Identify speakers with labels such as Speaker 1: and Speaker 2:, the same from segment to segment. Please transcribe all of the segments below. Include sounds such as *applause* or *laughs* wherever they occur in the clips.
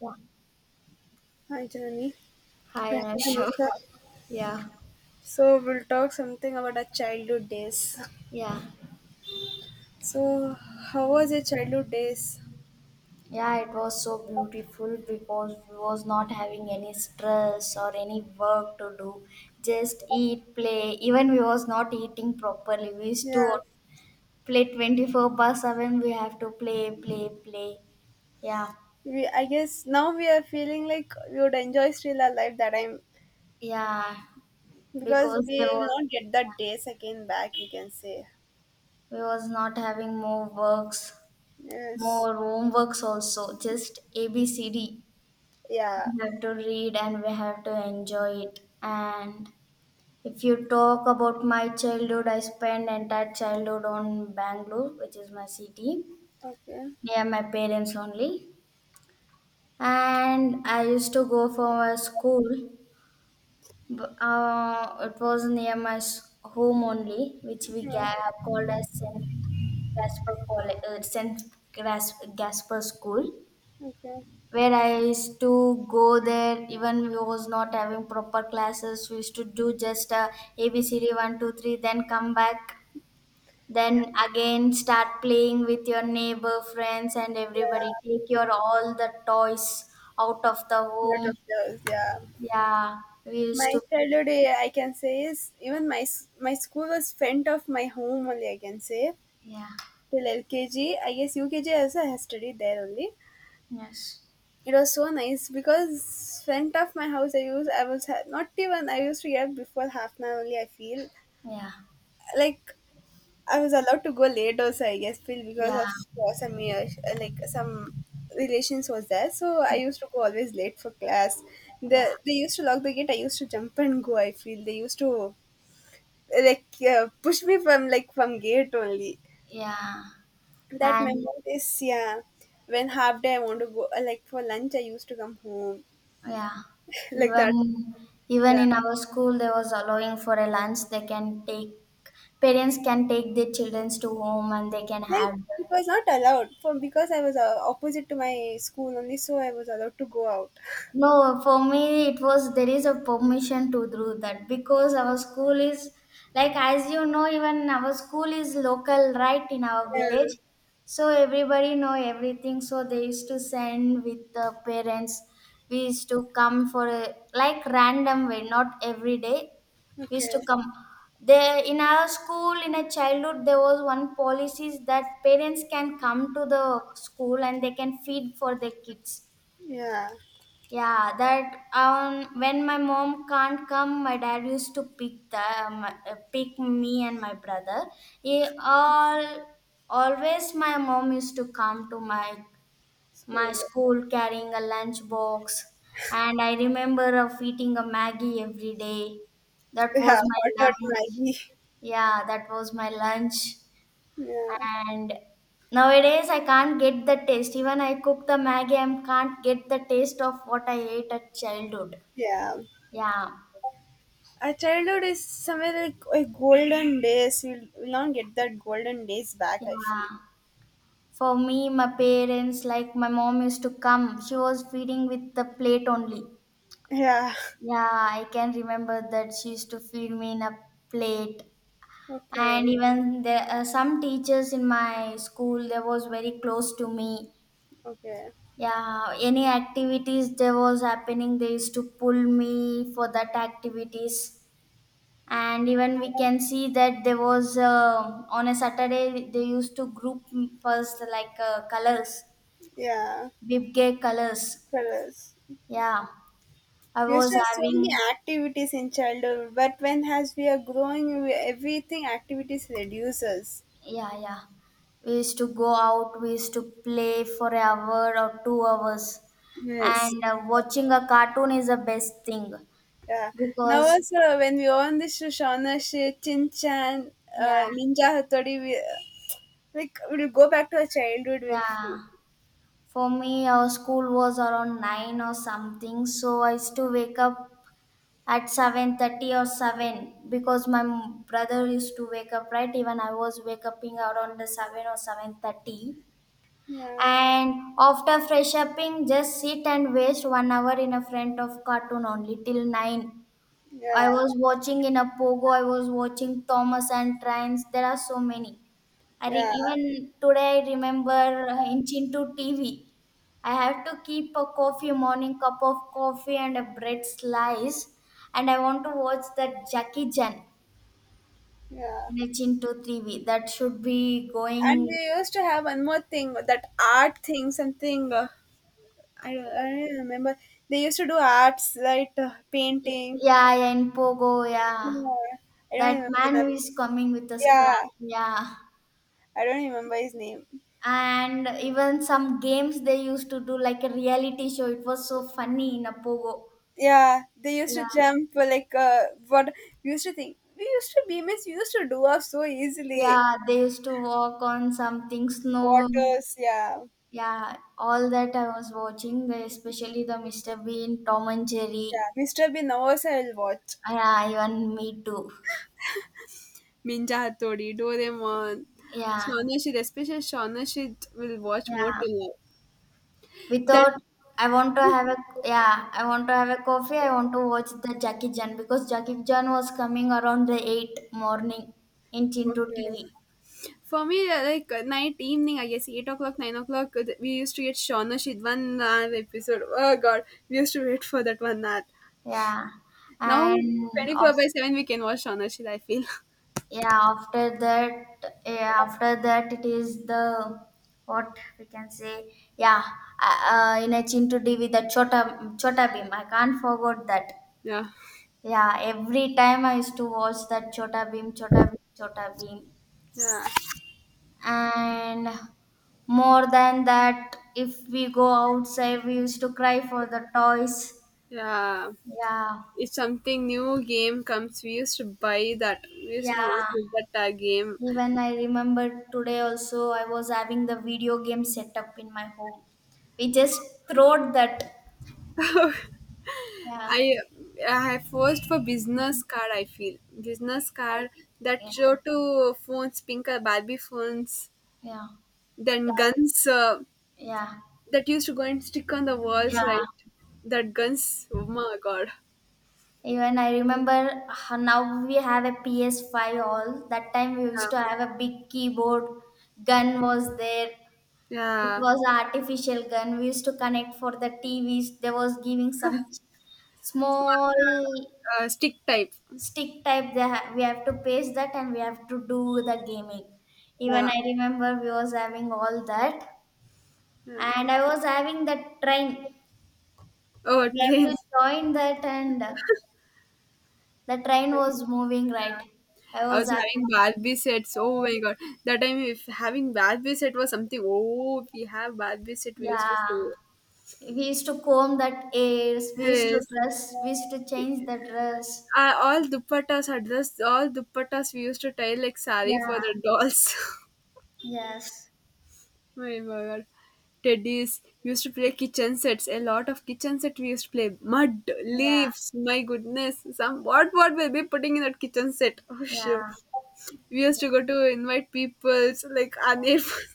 Speaker 1: Yeah.
Speaker 2: Hi, Johnny.
Speaker 1: Hi, Anusha.
Speaker 2: So
Speaker 1: *laughs* Yeah,
Speaker 2: so we'll talk something about our childhood days.
Speaker 1: yeah,
Speaker 2: So how was your childhood days?
Speaker 1: yeah. It was so beautiful because we was not having any stress or any work to do. Just eat, play. Even we was not eating properly. We used to
Speaker 2: Yeah,
Speaker 1: play twenty four by seven. We have to play, play, play. Yeah,
Speaker 2: we. I guess now we are feeling like we would enjoy still our life that time
Speaker 1: yeah.
Speaker 2: because
Speaker 1: Because
Speaker 2: we
Speaker 1: there
Speaker 2: will
Speaker 1: was
Speaker 2: not get that days again back. We can say
Speaker 1: we was not having more works,
Speaker 2: yes.
Speaker 1: more homeworks also. Just ABCD. We
Speaker 2: Yeah.
Speaker 1: have to read and we have to enjoy it. And if you talk about my childhood, I spent entire childhood on Bangalore, which is my city,
Speaker 2: Okay.
Speaker 1: near my parents only. And I used to go for a school. It was near my home only, which we
Speaker 2: Yeah.
Speaker 1: called as St. Gasper College, St. Gras- Gasper School,
Speaker 2: Okay.
Speaker 1: where I used to go there. Even we was not having proper classes. We used to do just a ABCD one two three, then come back,
Speaker 2: Yeah.
Speaker 1: then again start playing with your neighbor, friends, and everybody.
Speaker 2: Yeah.
Speaker 1: Take your all the toys out of the
Speaker 2: Lot of
Speaker 1: home.
Speaker 2: those. Yeah.
Speaker 1: Yeah, we used
Speaker 2: My
Speaker 1: to. Play.
Speaker 2: childhood, I can say, is even my school was front of my home only. I can say
Speaker 1: Yeah.
Speaker 2: till LKG. I guess UKG also I have studied there only.
Speaker 1: Yes.
Speaker 2: It was so nice because front of my house I used I was ha- not even I used to get up before half an hour only. I feel
Speaker 1: Yeah.
Speaker 2: like I was allowed to go late also. I guess feel because
Speaker 1: Yeah.
Speaker 2: of some like some relations was there, so I used to go always late for class. The
Speaker 1: Yeah.
Speaker 2: they used to lock the gate. I used to jump and go. I feel they used to like push me from from gate only.
Speaker 1: Yeah.
Speaker 2: That
Speaker 1: And.
Speaker 2: memory is, yeah, when half day I want to go like for lunch I used to come home.
Speaker 1: Yeah.
Speaker 2: *laughs* Like
Speaker 1: Even
Speaker 2: that,
Speaker 1: even
Speaker 2: yeah.
Speaker 1: in our school, there was allowing for a lunch they can take. Parents can take their children to home and they can
Speaker 2: Like
Speaker 1: have the.
Speaker 2: it was not allowed for because I was opposite to my school only, so I was allowed to go out.
Speaker 1: No, for me it was there is a permission to do that because our school is, like, as you know, even our school is local, right, in our
Speaker 2: Yeah.
Speaker 1: village, so everybody know everything, so they used to send with the parents. We used to come for, a like random way, not every day, we used
Speaker 2: Okay.
Speaker 1: to come. There in our school in a childhood, there was one policy is that parents can come to the school and they can feed for their kids.
Speaker 2: Yeah.
Speaker 1: Yeah, that when my mom can't come, my dad used to pick pick me and my brother. He all always my mom used to come to my
Speaker 2: School.
Speaker 1: school carrying a lunch box, and I remember of eating a Maggie every day.
Speaker 2: *laughs*
Speaker 1: That
Speaker 2: Yeah,
Speaker 1: was my
Speaker 2: hot hot
Speaker 1: lunch.
Speaker 2: Maggie.
Speaker 1: Yeah, that was my lunch.
Speaker 2: *laughs* Yeah.
Speaker 1: And nowadays I can't get the taste. Even I cook the Maggie, I can't get the taste of what I ate at childhood.
Speaker 2: Yeah.
Speaker 1: Yeah.
Speaker 2: Our childhood is somewhere like a golden days. We'll not get that golden days back, I feel.
Speaker 1: Yeah. For me, my parents, like, my mom used to come. She was feeding with the plate only.
Speaker 2: Yeah.
Speaker 1: Yeah, I can remember that she used to feed me in a plate.
Speaker 2: *laughs*
Speaker 1: And
Speaker 2: Okay.
Speaker 1: even there, some teachers in my school, they was very close to me.
Speaker 2: Okay.
Speaker 1: Yeah, any activities there was happening, they used to pull me for that activities. And even we can see that there was on a Saturday they used to group first, like, colors,
Speaker 2: Yeah,
Speaker 1: Bibge colors.
Speaker 2: tell us.
Speaker 1: Yeah, I
Speaker 2: We used to
Speaker 1: was
Speaker 2: have so many
Speaker 1: having.
Speaker 2: activities in childhood, but when as we are growing, everything activities reduces.
Speaker 1: Yeah, yeah. We used to go out. We used to play for an hour or 2 hours,
Speaker 2: Yes.
Speaker 1: and watching a cartoon is the best thing
Speaker 2: Yeah. Now
Speaker 1: because.
Speaker 2: also when we on this Shoshana shit, Chin Chan,
Speaker 1: Yeah,
Speaker 2: Ninja Hattori, we like we'll go back to our childhood. We'll feel.
Speaker 1: yeah. For me, our school was around 9 or something, so I used to wake up at 7:30 or 7, because my brother used to wake up, right? Even I was wake upping around the 7 or 7:30.
Speaker 2: Yeah,
Speaker 1: And after fresh upping, just sit and waste 1 hour in a front of cartoon only till 9. I
Speaker 2: yeah,
Speaker 1: was watching in a pogo. I was watching Thomas and Trains. There are so many.
Speaker 2: yeah,
Speaker 1: Even today I remember inching to TV. I have to keep a coffee, morning cup of coffee and a bread slice, and I want to watch that Jackie Chan
Speaker 2: yeah.
Speaker 1: in a Chinto TV. That should be
Speaker 2: And
Speaker 1: going,
Speaker 2: we used to have one more thing, that art thing, something. I don't remember. They used to do arts right, painting.
Speaker 1: yeah, yeah, in Pogo, yeah.
Speaker 2: Yeah, I don't
Speaker 1: That
Speaker 2: remember
Speaker 1: man
Speaker 2: that.
Speaker 1: who is coming with a
Speaker 2: Yeah,
Speaker 1: scrap, yeah.
Speaker 2: I don't remember his name.
Speaker 1: And even some games they used to do, like a reality show, it was so funny in a pogo,
Speaker 2: Yeah, they used to
Speaker 1: yeah,
Speaker 2: jump like what we used to think. We used to be miss. We used to do off so easily.
Speaker 1: yeah. They used to walk on something, snow,
Speaker 2: Waters, yeah,
Speaker 1: yeah, all that I was watching, especially the Mr. Bean, Tom and Jerry,
Speaker 2: yeah. Mr. Bean also I will watch.
Speaker 1: yeah, even me too,
Speaker 2: Ninja Hattori, Doraemon,
Speaker 1: yeah,
Speaker 2: Shaunashid, especially Shaunashid will watch more
Speaker 1: yeah.
Speaker 2: till now. That
Speaker 1: Without. I want to have a Yeah, I want to have a coffee. I want to watch the Jackie Chan, because Jackie Chan was coming around the 8 morning in Chinto TV,
Speaker 2: okay. For me, like night, evening, I guess 8 o'clock, 9 o'clock. We used to get Shauna Shid 1 hour episode. Oh God, we used to wait for that 1 hour.
Speaker 1: yeah.
Speaker 2: Now
Speaker 1: and
Speaker 2: twenty
Speaker 1: of,
Speaker 2: four by seven, we can watch Shauna Shid, I feel.
Speaker 1: yeah, after that, yeah, after that, it is the, what we can say, yeah, in a Chintu TV, the Chota Beam, I can't forget that.
Speaker 2: *laughs* Yeah,
Speaker 1: Yeah, every time I used to watch that, Chota Beam, Chota Beam, Chota Beam.
Speaker 2: yeah,
Speaker 1: And more than that, if we go outside, we used to cry for the toys,
Speaker 2: yeah.
Speaker 1: yeah,
Speaker 2: If something new game comes, we used to buy that. We used to not
Speaker 1: yeah.
Speaker 2: look at that game.
Speaker 1: Even I remember, today also I was having the video game set up in my home. We just throwed that. Yeah.
Speaker 2: I I forced for business card. I feel business
Speaker 1: I
Speaker 2: card, that
Speaker 1: Yeah.
Speaker 2: show to phones, pinker Barbie phones,
Speaker 1: Yeah. Like.
Speaker 2: then guns.
Speaker 1: Yeah.
Speaker 2: That used to go and stick on the
Speaker 1: Yeah.
Speaker 2: walls, right? That guns. Oh my god.
Speaker 1: Even I remember, now we have a PS5 all. That time we used
Speaker 2: Yeah.
Speaker 1: to have a big keyboard, gun was there. It
Speaker 2: Yeah.
Speaker 1: was a artificial gun. We used to connect for the TVs. There was giving some
Speaker 2: Small,
Speaker 1: small
Speaker 2: stick type.
Speaker 1: stick type. We have to paste that, and we have to do the gaming.
Speaker 2: Yeah.
Speaker 1: Even I remember we was having all that,
Speaker 2: Yeah.
Speaker 1: and I was having the train.
Speaker 2: Oh, *laughs*
Speaker 1: We have to
Speaker 2: things.
Speaker 1: join that, and the train was moving, right? I
Speaker 2: I
Speaker 1: was
Speaker 2: was having
Speaker 1: having.
Speaker 2: Barbie sets. Oh my god. That time, if having Barbie set was something, oh, if we have Barbie set, we used to
Speaker 1: Yeah,
Speaker 2: say.
Speaker 1: we used to comb that ears, we used to
Speaker 2: Yes.
Speaker 1: dress, we used to change the dress.
Speaker 2: All dupattas are just all dupattas we used to tie like sari
Speaker 1: Yeah.
Speaker 2: for the dolls. *laughs*
Speaker 1: Yes.
Speaker 2: My God. Teddies we used to play kitchen sets. A lot of kitchen set we used to play. Mud,
Speaker 1: Yeah.
Speaker 2: leaves, my goodness. Some What will be putting in that kitchen set? *laughs* Oh sure.
Speaker 1: Yeah.
Speaker 2: We used to go to invite people so like our neighbors. *laughs*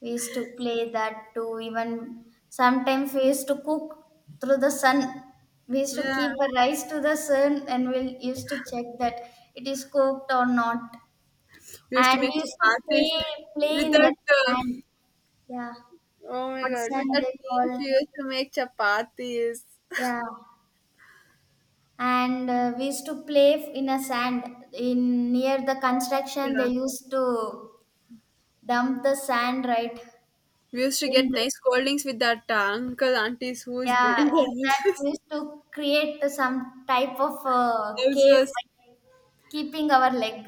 Speaker 1: We used to play that too. Even sometimes we used to cook through the sun. We used to
Speaker 2: Yeah.
Speaker 1: keep a rice to the sun, and we used to check that it is cooked or not.
Speaker 2: We used to
Speaker 1: And
Speaker 2: make
Speaker 1: we used to
Speaker 2: chapatis.
Speaker 1: play, play
Speaker 2: With
Speaker 1: in
Speaker 2: that
Speaker 1: that
Speaker 2: uh,
Speaker 1: sand. Yeah.
Speaker 2: oh my
Speaker 1: What
Speaker 2: god. With
Speaker 1: sand
Speaker 2: that
Speaker 1: they
Speaker 2: leaves
Speaker 1: call.
Speaker 2: we used to make chapatis.
Speaker 1: Yeah. And we used to play in a sand. In near the construction, they
Speaker 2: Yeah.
Speaker 1: used to dump the sand, right.
Speaker 2: We used to
Speaker 1: in
Speaker 2: get
Speaker 1: the,
Speaker 2: nice scoldings with that uncle aunties who is
Speaker 1: Yeah,
Speaker 2: building
Speaker 1: in
Speaker 2: the
Speaker 1: that we
Speaker 2: houses.
Speaker 1: used to create some type of
Speaker 2: *laughs*
Speaker 1: cave
Speaker 2: Houses.
Speaker 1: by keeping our leg.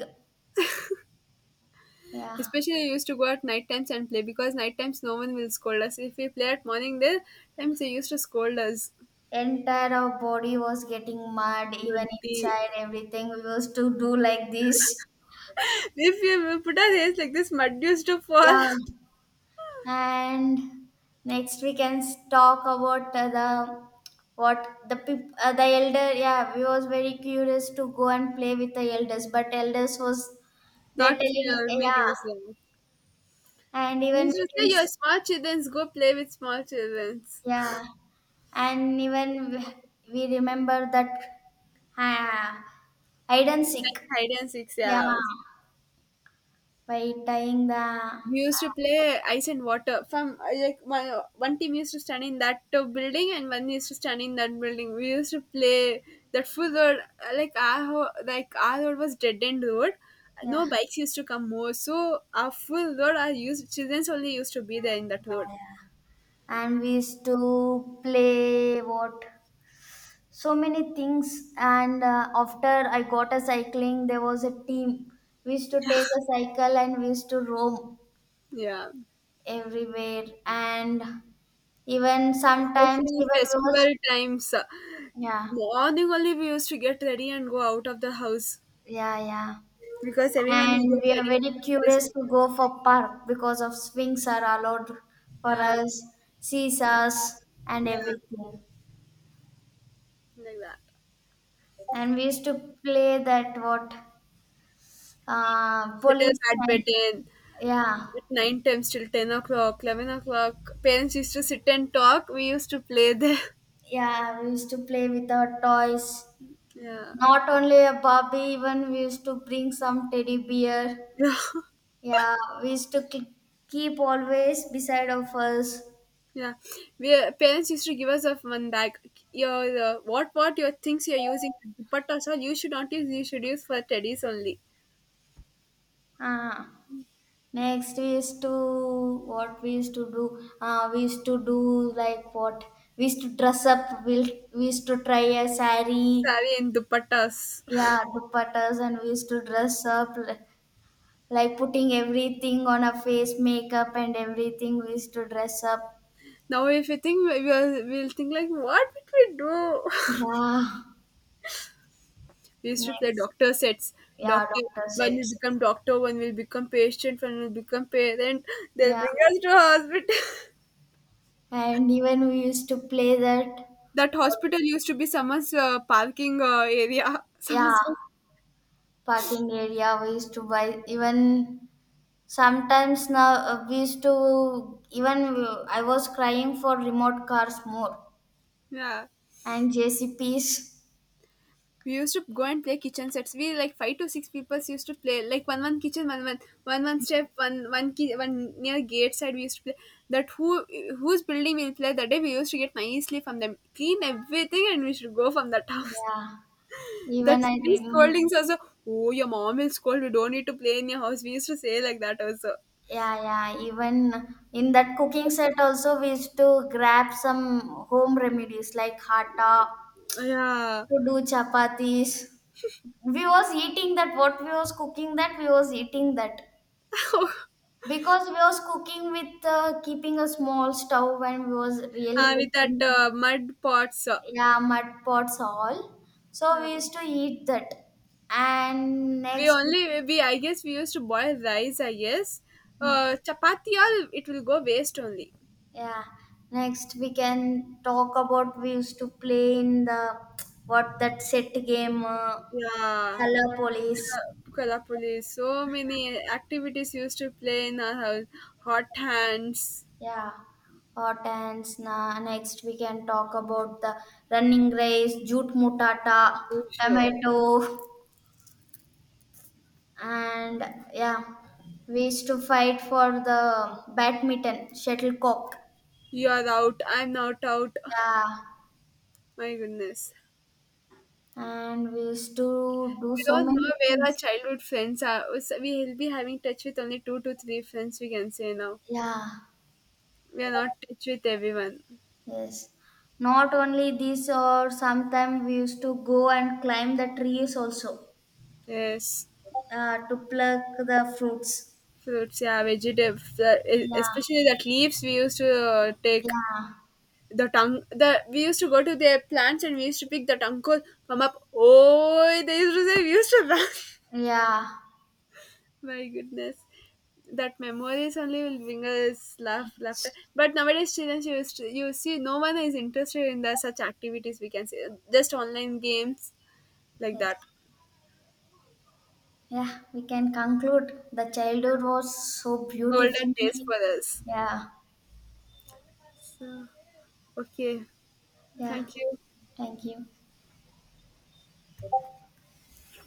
Speaker 1: Yeah,
Speaker 2: Especially we used to go at night times and play because night times no one will scold us. If we play at morning there times, they used to scold us.
Speaker 1: entire our body was getting mud, even
Speaker 2: But the
Speaker 1: inside everything. We used to do like this.
Speaker 2: if we will put our hands like this, mud used to fall.
Speaker 1: Yeah, and next we can talk about the, what, the elder. Yeah, we was very curious to go and play with the elders, but elders was,
Speaker 2: *laughs*
Speaker 1: they're
Speaker 2: Not
Speaker 1: telling,
Speaker 2: making
Speaker 1: yeah.
Speaker 2: us laugh.
Speaker 1: And
Speaker 2: They
Speaker 1: even
Speaker 2: used
Speaker 1: we
Speaker 2: to
Speaker 1: can.
Speaker 2: say, "You're small children, go play with small children."
Speaker 1: Yeah, and even we remember that, uh, hide and seek.
Speaker 2: Hide and seek,
Speaker 1: Yeah,
Speaker 2: yeah.
Speaker 1: by tying the
Speaker 2: We used to play ice and water. One team used to stand in that building and one used to stand in that building. We used to play that full road. Like our road was dead end road.
Speaker 1: yeah,
Speaker 2: No bikes used to come more. So our full road, our used children only used to be there in that
Speaker 1: yeah,
Speaker 2: road.
Speaker 1: yeah, and we used to play what, so many things. And after I got a cycling, there was a team. We used to take a cycle, and we used to roam
Speaker 2: Yeah,
Speaker 1: everywhere. And even sometimes,
Speaker 2: especially
Speaker 1: even we was,
Speaker 2: festival times.
Speaker 1: yeah,
Speaker 2: Morning only we used to get ready and go out of the house
Speaker 1: yeah, yeah,
Speaker 2: because everyone will
Speaker 1: and we
Speaker 2: get
Speaker 1: are
Speaker 2: ready
Speaker 1: very
Speaker 2: and come to the
Speaker 1: curious
Speaker 2: school.
Speaker 1: to go for park, because of swings are allowed for
Speaker 2: Yeah,
Speaker 1: us, seesaws and
Speaker 2: yeah,
Speaker 1: everything.
Speaker 2: like that.
Speaker 1: And we used to play that what, police
Speaker 2: Shuttle
Speaker 1: and,
Speaker 2: bedridden
Speaker 1: yeah,
Speaker 2: at nine times till 10 o'clock, 11 o'clock. Parents used to sit and talk, we used to play there.
Speaker 1: yeah, we used to play with our toys.
Speaker 2: *laughs* Yeah.
Speaker 1: Not only a barbie, even we used to bring some teddy bear,
Speaker 2: Yeah. *laughs*
Speaker 1: yeah. We used to keep always beside of us.
Speaker 2: Yeah, we parents used to give us of one bag. Your What your things you're using, dupattas, all you should not use, you should use for teddies only.
Speaker 1: Ah. Next, we used to what we used to do. We used to do, like, what, we used to dress up. We used to try a
Speaker 2: Sari
Speaker 1: sari,
Speaker 2: and dupattas.
Speaker 1: yeah, dupattas, and we used to dress up like, putting everything on a face, makeup and everything. We used to dress up.
Speaker 2: *laughs* Now if you think, we'll think like, what did we do? *laughs*
Speaker 1: Yeah.
Speaker 2: We used to play
Speaker 1: Next,
Speaker 2: doctor sets.
Speaker 1: yeah,
Speaker 2: Doctor,
Speaker 1: doctor
Speaker 2: One will
Speaker 1: sets.
Speaker 2: become doctor, one will become patient, one will become parent. They'll
Speaker 1: Yeah,
Speaker 2: bring us to hospital.
Speaker 1: and even we used to play that.
Speaker 2: *laughs* That hospital used to be someone's parking area. *laughs*
Speaker 1: Yeah,
Speaker 2: Someone's
Speaker 1: parking area. We used to buy even. Sometimes now we used to even I was crying for remote cars more,
Speaker 2: Yeah.
Speaker 1: and J C P's.
Speaker 2: We used to go and play kitchen sets. We, like, five to six people used to play like one one kitchen, one one one one step, one one near gate side. We used to play that who whose building we'll play that day. We used to get nicely from them, clean everything, and we should go from that *laughs* house.
Speaker 1: Yeah,
Speaker 2: That
Speaker 1: even
Speaker 2: really scoldings also. Oh, your mom will scold. We don't need to play in your house. We used to say like that also.
Speaker 1: yeah, yeah, even in that cooking set also, we used to grab some home remedies like atta
Speaker 2: Yeah.
Speaker 1: to do chapatis. We was eating that, what we was cooking that we was eating that,
Speaker 2: *laughs*
Speaker 1: because we was cooking with keeping a small stove, and we was really
Speaker 2: With that
Speaker 1: cooking,
Speaker 2: mud pots.
Speaker 1: yeah, mud pots all, so
Speaker 2: Yeah.
Speaker 1: we used to eat that. And
Speaker 2: We
Speaker 1: next.
Speaker 2: only we I guess we used to boil rice. I guess
Speaker 1: hmm,
Speaker 2: chapati all, it will go waste only.
Speaker 1: yeah, next we can talk about, we used to play in the, what that set game,
Speaker 2: Yeah.
Speaker 1: color police.
Speaker 2: Kalapuli, so many activities used to play in our house. Hot hands.
Speaker 1: Yeah, hot hands. Next we can talk about the running race, jute mutata,
Speaker 2: Sure.
Speaker 1: tomato. And, yeah, we used to fight for the badminton, shuttlecock,
Speaker 2: You are out. I'm not out.
Speaker 1: yeah.
Speaker 2: My goodness.
Speaker 1: And we used to do
Speaker 2: We
Speaker 1: so
Speaker 2: don't know
Speaker 1: many
Speaker 2: where our
Speaker 1: things,
Speaker 2: childhood friends are. So we will be having touch with only two to three friends, we can say. Now
Speaker 1: yeah,
Speaker 2: we are not touch with everyone.
Speaker 1: yes. Not only this, or sometimes we used to go and climb the trees also,
Speaker 2: Yes,
Speaker 1: to pluck the fruits,
Speaker 2: fruits, yeah, vegetables,
Speaker 1: yeah,
Speaker 2: especially that leaves we used to take
Speaker 1: yeah,
Speaker 2: the tongue. The We used to go to their plants and we used to pick the tongue. Come up, oh! They used to say, we used to run. *laughs*
Speaker 1: yeah,
Speaker 2: My goodness. That memories only will bring us laugh, laughter.
Speaker 1: yes,
Speaker 2: But nowadays, children, you see, no one is interested in the such activities. We can say, just online games, like that.
Speaker 1: yes. Yeah, we can conclude the childhood was so
Speaker 2: Golden
Speaker 1: beautiful,
Speaker 2: days for us.
Speaker 1: yeah,
Speaker 2: So, okay,
Speaker 1: yeah.
Speaker 2: thank you.
Speaker 1: Thank you.